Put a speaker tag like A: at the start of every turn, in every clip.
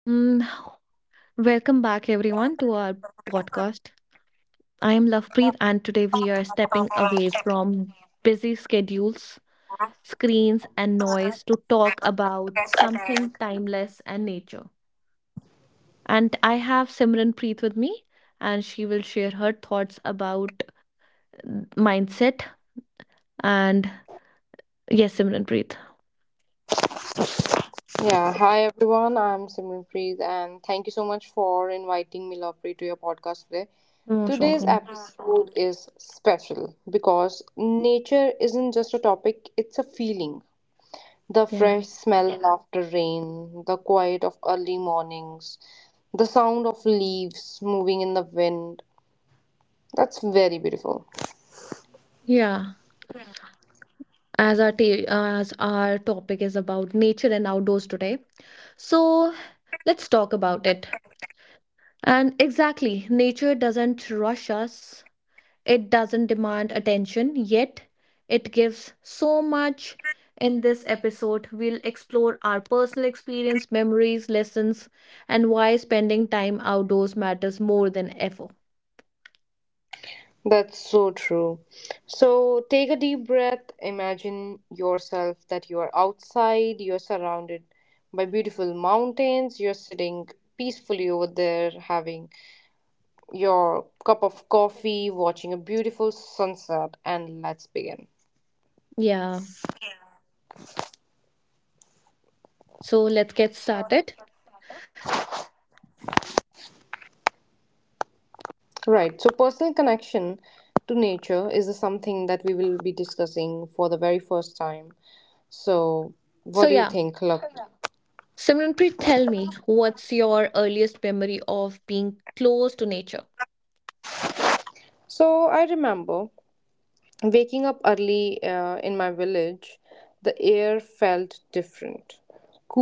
A: Mm, Welcome back, everyone, to our podcast. I am Lovepreet, and today we are stepping away from busy schedules, screens, and noise to talk about something timeless and nature. And I have Simran Preet with me, and she will share her thoughts about uh, mindset. And yes, Simran Preet,
B: Yeah, hi everyone. I'm Simranpreet, and thank you so much for inviting me, Lovepreet, to your podcast today.
A: you're most
B: Today's
A: welcome.
B: episode is special because nature isn't just a topic, it's a feeling. The
A: Yeah.
B: fresh smell after rain, the quiet of early mornings, the sound of leaves moving in the wind. That's very beautiful.
A: Yeah, as our topic is about nature and outdoors today. So let's talk about it. And exactly, nature doesn't rush us, it doesn't demand attention, yet it gives so much. In this episode, we'll explore our personal experience, memories, lessons, and why spending time outdoors matters more than ever.
B: That's so true. So take a deep breath. Imagine yourself that you are outside, you're surrounded by beautiful mountains, you're sitting peacefully over there having your cup of coffee, watching a beautiful sunset, and let's begin.
A: Yeah, so let's get started.
B: Right. So personal connection to nature is something that we will be discussing for the very first time. So
A: So,
B: what do you
A: yeah,
B: think, Luck?
A: Simranpreet, tell me, what's your earliest memory of being close to nature?
B: So I remember waking up early in my village, the air felt different.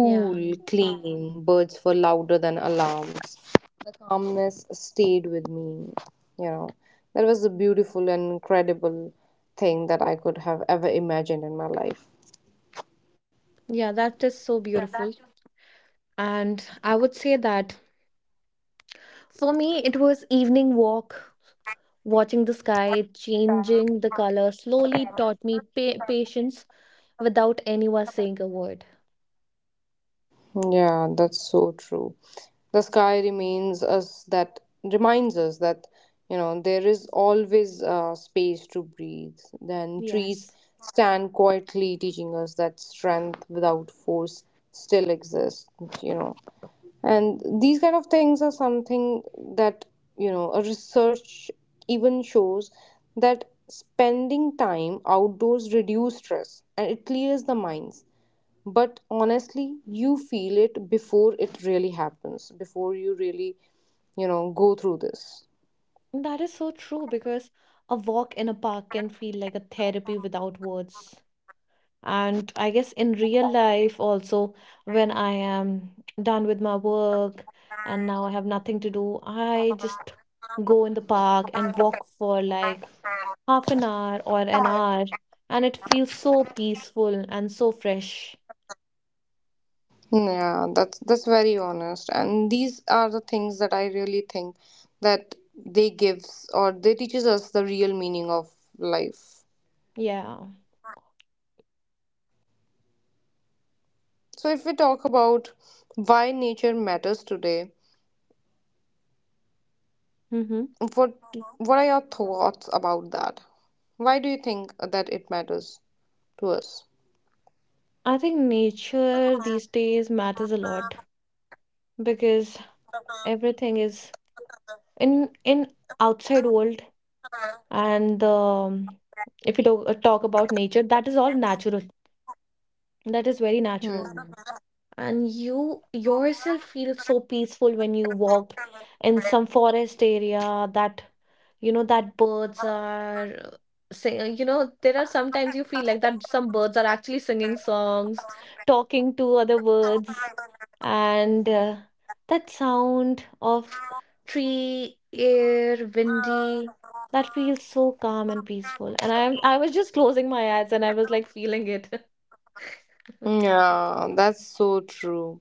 A: Yeah,
B: clean, birds were louder than alarms. The calmness stayed with me. You know, that was a beautiful and incredible thing that I could have ever imagined in my life.
A: yeah, that is so beautiful. And I would say that for me, it was evening walk, watching the sky changing the color slowly taught me patience without anyone saying a word.
B: Yeah, that's so true. The sky remains us that reminds us that there is always space to breathe. Then trees
A: Yes.
B: stand quietly, teaching us that strength without force still exists. You know, and these kind of things are something that a research even shows that spending time outdoors reduce stress and it clears the minds, but honestly you feel it before it really happens, before you really go through this.
A: That is so true because a walk in a park can feel like a therapy without words. And I guess in real life, also, when I am done with my work and now I have nothing to do, I just go in the park and walk for like half an hour or an hour, and it feels so peaceful and so fresh.
B: Yeah, that's very honest. And these are the things that I really think that they gives or they teaches us the real meaning of life.
A: Yeah.
B: So if we talk about why nature matters today,
A: Mm-hmm.
B: what what are your thoughts about that? Why do you think that it matters to us?
A: I think nature these days matters a lot because everything is in outside world, and if you talk about nature, that is all natural. That is very
B: Hmm.
A: natural. And you yourself feel so peaceful when you walk in some forest area, that you know that birds are sing you know, there are sometimes you feel like that some birds are actually singing songs, talking to other birds, and that sound of tree air windy, that feels so calm and peaceful, and I was just closing my eyes and I was like feeling it.
B: Yeah, that's so true.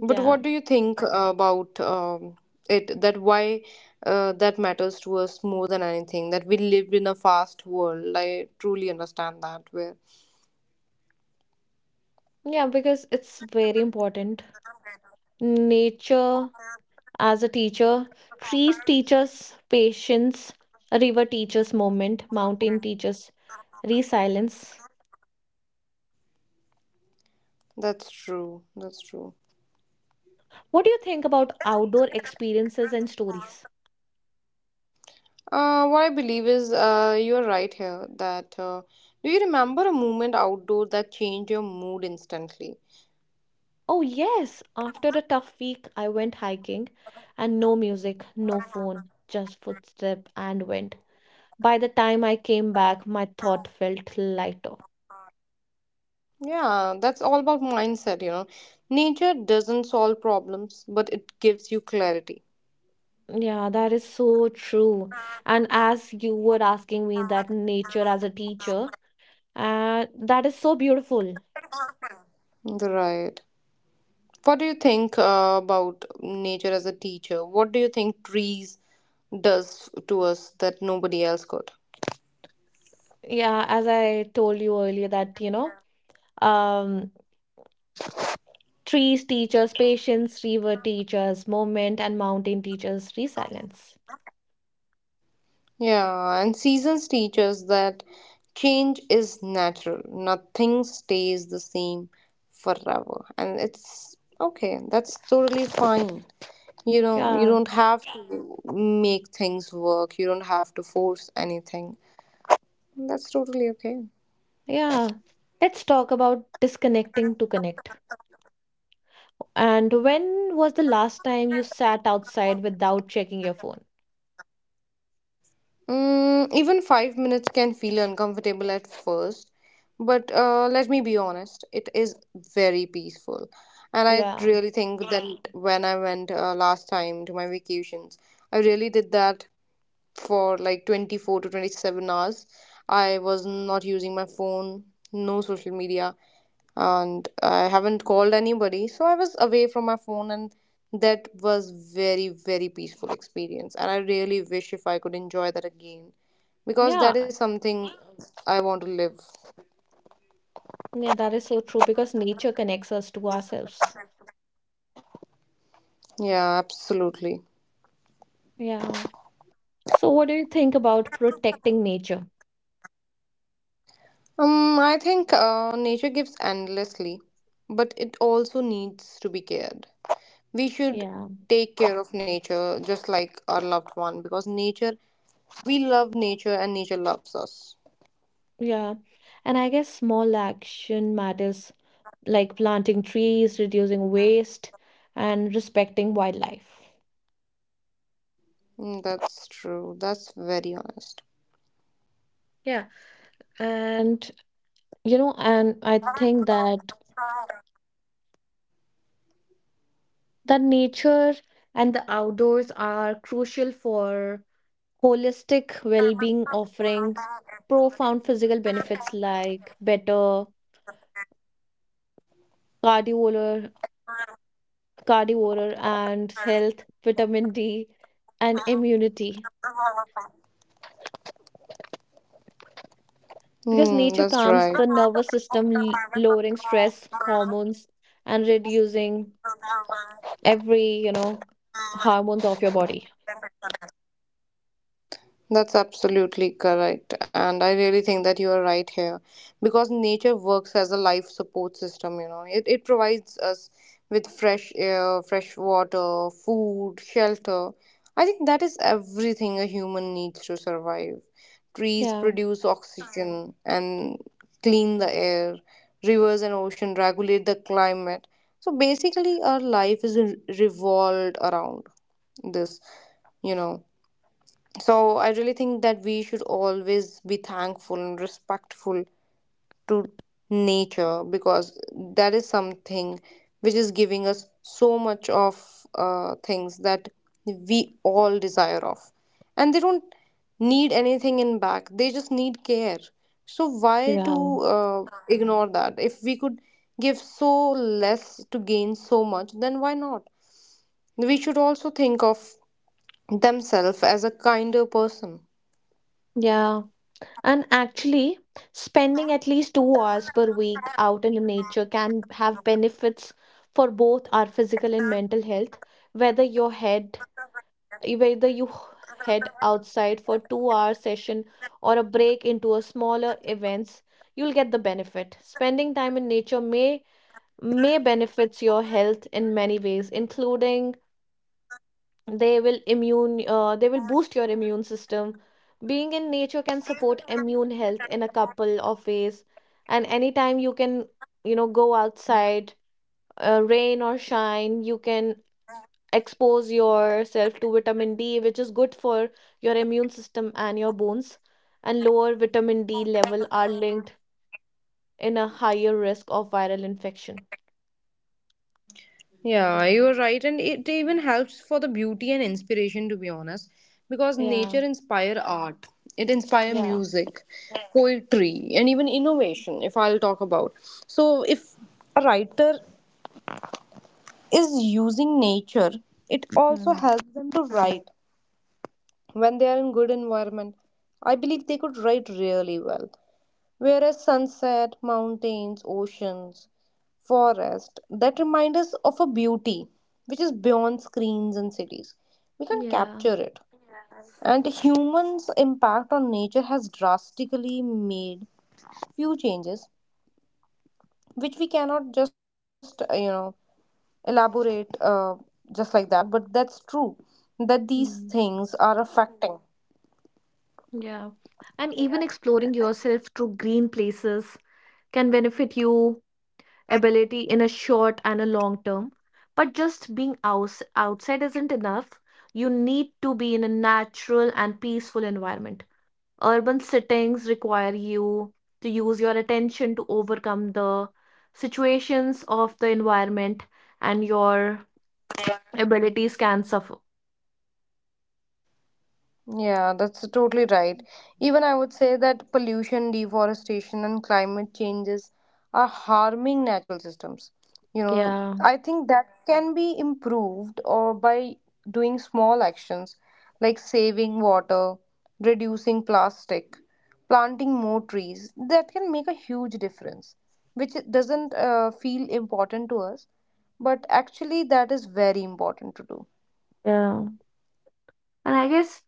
B: But what do you think about it? That why that matters to us more than anything. That we live in a fast world. I truly understand that. Where
A: Yeah, because it's very important. Nature as a teacher, trees teach us patience, river teaches moment, mountain teaches resilience.
B: that's true. That's true.
A: What do you think about outdoor experiences and stories?
B: What I believe is you're right here. That do you remember a moment outdoor that changed your mood instantly?
A: Oh, yes, after a tough week, I went hiking, and no music, no phone, just footstep and wind. By the time I came back, my thought felt lighter.
B: Yeah, that's all about mindset. You know, nature doesn't solve problems, but it gives you clarity.
A: Yeah, that is so true. And as you were asking me that nature as a teacher, that is so beautiful.
B: Right. What do you think about nature as a teacher? What do you think trees does to us that nobody else could?
A: Yeah, as I told you earlier that, you know, um, trees teach us patience, river teaches moment, and mountain teaches resilience.
B: Yeah, and seasons teach us that change is natural. Nothing stays the same forever. And it's okay. That's totally fine. You know, you
A: Yeah,
B: don't have to make things work. You don't have to force anything. That's totally okay.
A: yeah. Let's talk about disconnecting to connect. And when was the last time you sat outside without checking your phone?
B: Mm, even 5 minutes can feel uncomfortable at first, but let me be honest, it is very peaceful. And I
A: Yeah,
B: really think that when I went last time to my vacations, I really did that for like 24 to 27 hours. I was not using my phone, no social media, and I haven't called anybody. So I was away from my phone, and that was very, very peaceful experience. And I really wish if I could enjoy that again, because that is
A: yeah.
B: something I want to live.
A: Yeah, that is so true because nature connects us to ourselves.
B: Yeah, absolutely.
A: Yeah. So, what do you think about protecting nature?
B: I think nature gives endlessly, but it also needs to be cared. We should
A: Yeah.
B: take care of nature just like our loved one, because nature, we love nature and nature loves us.
A: Yeah. And I guess small action matters, like planting trees, reducing waste, and respecting wildlife.
B: Mm, that's true. That's very honest.
A: Yeah. And, you know, and I think that nature and the outdoors are crucial for holistic well-being, offering profound physical benefits like better cardiovascular, cardiovascular and health, vitamin D, and immunity. Because
B: Hmm,
A: nature
B: that's
A: calms
B: right.
A: the nervous system, lowering stress hormones and reducing every, you know, hormones of your body.
B: That's absolutely correct. And I really think that you are right here, because nature works as a life support system. It provides us with fresh air, fresh water, food, shelter. I think that is everything a human needs to survive. Trees
A: Yeah.
B: produce oxygen and clean the air, rivers and ocean regulate the climate. So basically, our life is revolved around this, you know. So I really think that we should always be thankful and respectful to nature, because that is something which is giving us so much of things that we all desire of. And they don't need anything in back, they just need care. So why
A: Yeah.
B: to ignore that? If we could give so less to gain so much, then why not? We should also think of themselves as a kinder person.
A: Yeah. And actually, spending at least 2 hours per week out in nature can have benefits for both our physical and mental health, whether your head whether you head outside for 2-hour session or a break into a smaller events, you'll get the benefit. Spending time in nature may benefits your health in many ways, including they will immune they will boost your immune system. Being in nature can support immune health in a couple of ways, and anytime you can, you know, go outside, rain or shine, you can expose yourself to vitamin D, which is good for your immune system and your bones, and lower vitamin D level are linked in a higher risk of viral infection.
B: Yeah, you're right, and it even helps for the beauty and inspiration, to be honest, because
A: Yeah,
B: nature inspire art, it inspire
A: yeah.
B: music, poetry, and even innovation. If I'll talk about, so if a writer is using nature, it also
A: Hmm.
B: helps them to write when they are in good environment. I believe they could write really well. Whereas sunset, mountains, oceans, forest that remind us of a beauty which is beyond screens and cities. We can
A: Yeah,
B: capture it. And humans' impact on nature has drastically made few changes, which we cannot just elaborate, just like that. But that's true that these
A: mm,
B: things are affecting.
A: yeah. And even exploring yourself through green places can benefit you ability in a short and a long term. But just being outside isn't enough. You need to be in a natural and peaceful environment. Urban settings require you to use your attention to overcome the situations of the environment, and your abilities can suffer.
B: Yeah, that's totally right. Even I would say that pollution, deforestation, and climate changes are harming natural systems. You know,
A: Yeah,
B: I think that can be improved or by doing small actions like saving water, reducing plastic, planting more trees. That can make a huge difference, which doesn't feel important to us, but actually that is very important to do.
A: yeah. And I guess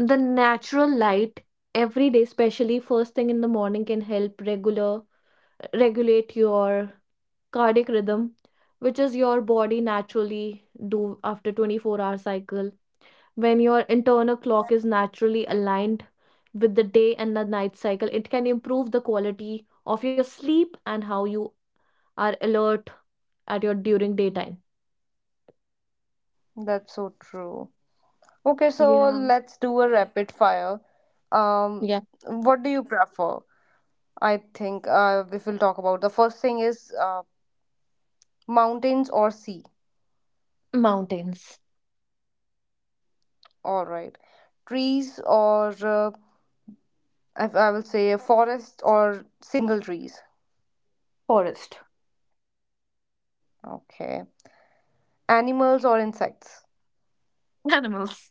A: the natural light every day, especially first thing in the morning, can help regular regulate your cardiac rhythm, which is your body naturally do after 24-hour cycle. When your internal clock is naturally aligned with the day and the night cycle, it can improve the quality of your sleep and how you are alert at your during daytime.
B: That's so true. Okay, so
A: Yeah.
B: let's do a rapid fire. Um,
A: Yeah.
B: what do you prefer? I think we'll talk about the first thing is mountains or sea.
A: Mountains.
B: All right, trees or I will say forest or single trees.
A: Forest.
B: Okay, animals or insects.
A: Animals.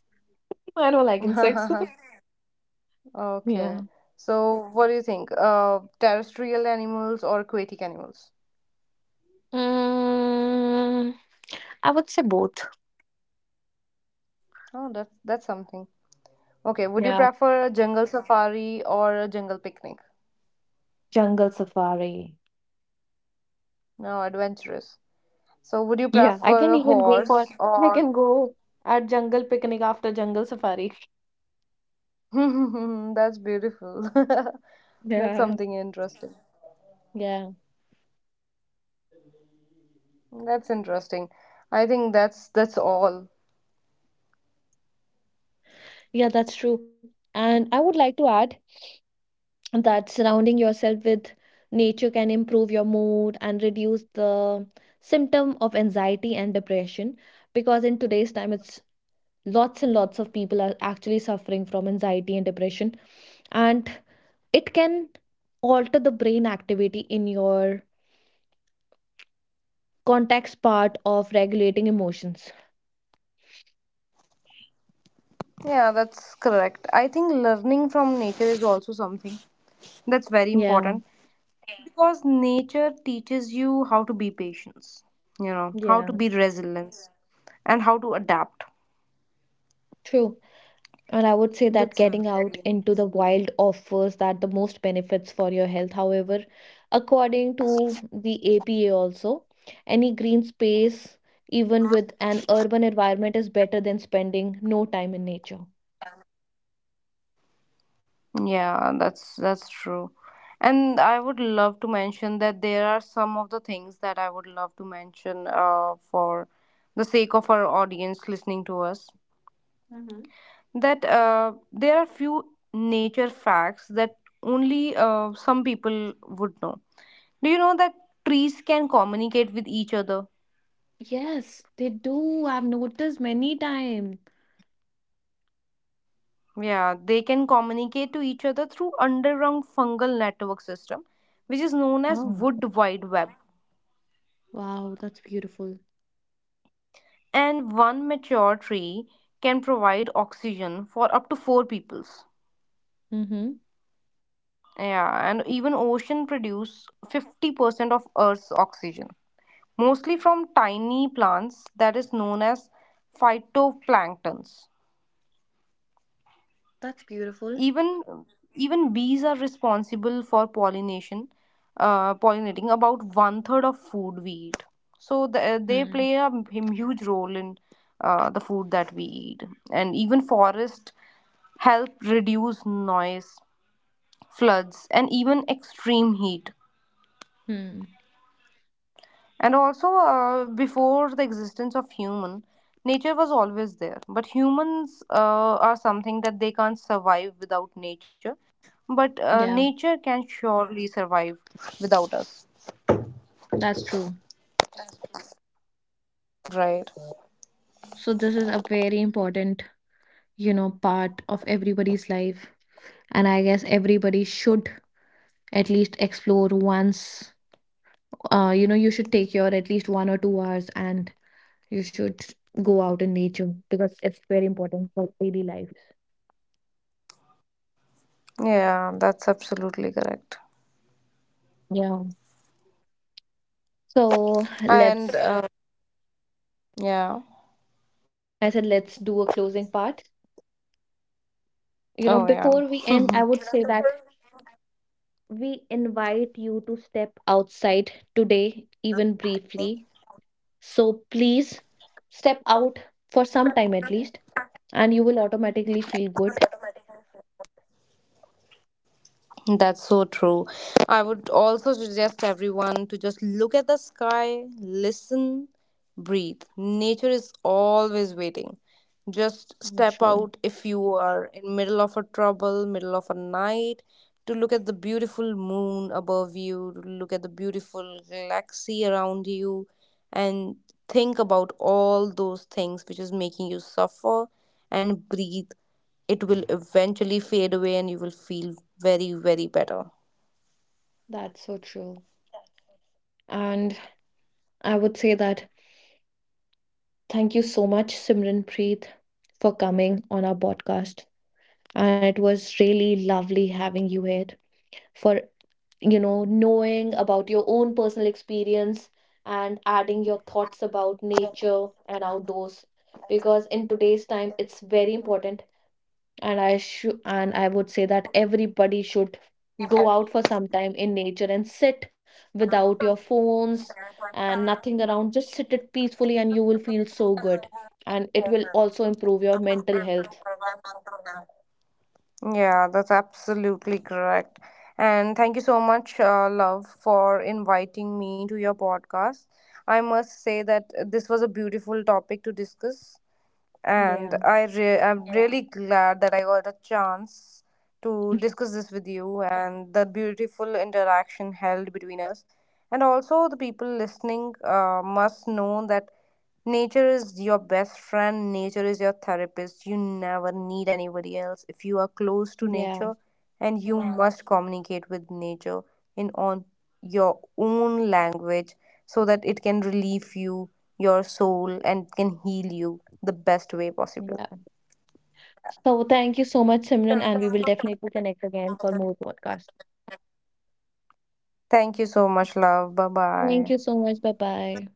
A: I don't like insects. Yeah.
B: Okay, so what do you think? Terrestrial animals or aquatic animals?
A: Mm, I would say both.
B: Oh, that's something. Okay, would you
A: Yeah.
B: prefer a jungle safari or a jungle picnic?
A: Jungle safari.
B: No, adventurous. So, would you
A: Yeah.
B: prefer a horse
A: I
B: or?
A: can go at jungle picnic after jungle safari.
B: That's beautiful. That's
A: Yeah.
B: something interesting.
A: Yeah.
B: That's interesting. I think that's all.
A: Yeah, that's true. And I would like to add that surrounding yourself with nature can improve your mood and reduce the symptom of anxiety and depression, because in today's time it's lots and lots of people are actually suffering from anxiety and depression, and it can alter the brain activity in your context part of regulating emotions.
B: Yeah, that's correct. I think learning from nature is also something that's very
A: Yeah,
B: important, because nature teaches you how to be patient, you know, how to
A: yeah,
B: be resilient and how to adapt.
A: true. And I would say that
B: That's
A: getting out
B: very
A: into the
B: important.
A: wild offers that the most benefits for your health. However, according to the APA also, any green space, even with an urban environment, is better than spending no time in nature.
B: Yeah, that's true. And I would love to mention that there are some of the things that I would love to mention, for the sake of our audience listening to us.
A: Mm-hmm.
B: That there are few nature facts that only some people would know. Do you know that trees can communicate with each other?
A: Yes, they do. I've noticed many times.
B: Yeah, they can communicate to each other through underground fungal network system, which is known as
A: Oh,
B: wood wide web.
A: wow, that's beautiful.
B: And one mature tree can provide oxygen for up to four peoples.
A: Mm-hmm.
B: Yeah. And even ocean produce 50% of earth's oxygen, mostly from tiny plants that is known as phytoplanktons.
A: That's beautiful.
B: Even even bees are responsible for pollination, pollinating about one third of food we eat. So they
A: Hmm.
B: play a huge role in the food that we eat. And even forest help reduce noise, floods, and even extreme heat.
A: Hmm.
B: And also, before the existence of human, nature was always there. But humans are something that they can't survive without nature. But
A: Yeah,
B: nature can surely survive without us.
A: that's true.
B: Right.
A: So this is a very important, you know, part of everybody's life, and I guess everybody should at least explore once. You know, you should take your at least 1 or 2 hours, and you should go out in nature because it's very important for daily life.
B: Yeah, that's absolutely correct.
A: Yeah, so
B: And
A: let's
B: yeah.
A: I said let's do a closing part.
B: Oh,
A: You know,
B: yeah.
A: before we end, I would say that we invite you to step outside today, even briefly. So please step out for some time at least, and you will automatically feel good.
B: That's so true. I would also suggest everyone to just look at the sky, listen, breathe. Nature is always waiting. Just
A: Mm.
B: step
A: True.
B: out if you are in middle of a trouble, middle of a night, to look at the beautiful moon above you, to look at the beautiful galaxy around you, and think about all those things which is making you suffer, and breathe. It will eventually fade away and you will feel very, very better.
A: That's so true. And I would say that thank you so much, Simranpreet, for coming on our podcast. And it was really lovely having you here for, you know, knowing about your own personal experience and adding your thoughts about nature and outdoors. Because in today's time, it's very important, and I should and I would say that everybody should go out for some time in nature and sit without your phones and nothing around, just sit it peacefully, and you will feel so good, and it will also improve your mental health.
B: Yeah, that's absolutely correct. And thank you so much, love, for inviting me to your podcast. I must say that this was a beautiful topic to discuss, and
A: Yeah.
B: I'm really glad that I got a chance to discuss this with you and the beautiful interaction held between us. And also, the people listening must know that nature is your best friend, nature is your therapist. You never need anybody else. If you are close to
A: Yeah.
B: nature and you, yeah, must communicate with nature in on your own language, so that it can relieve you, your soul, and can heal you the best way possible.
A: Yeah, so thank you so much, Simran, and we will definitely connect again for more podcasts.
B: Thank you so much, love. Bye
A: Thank
B: bye.
A: you so much. Bye bye.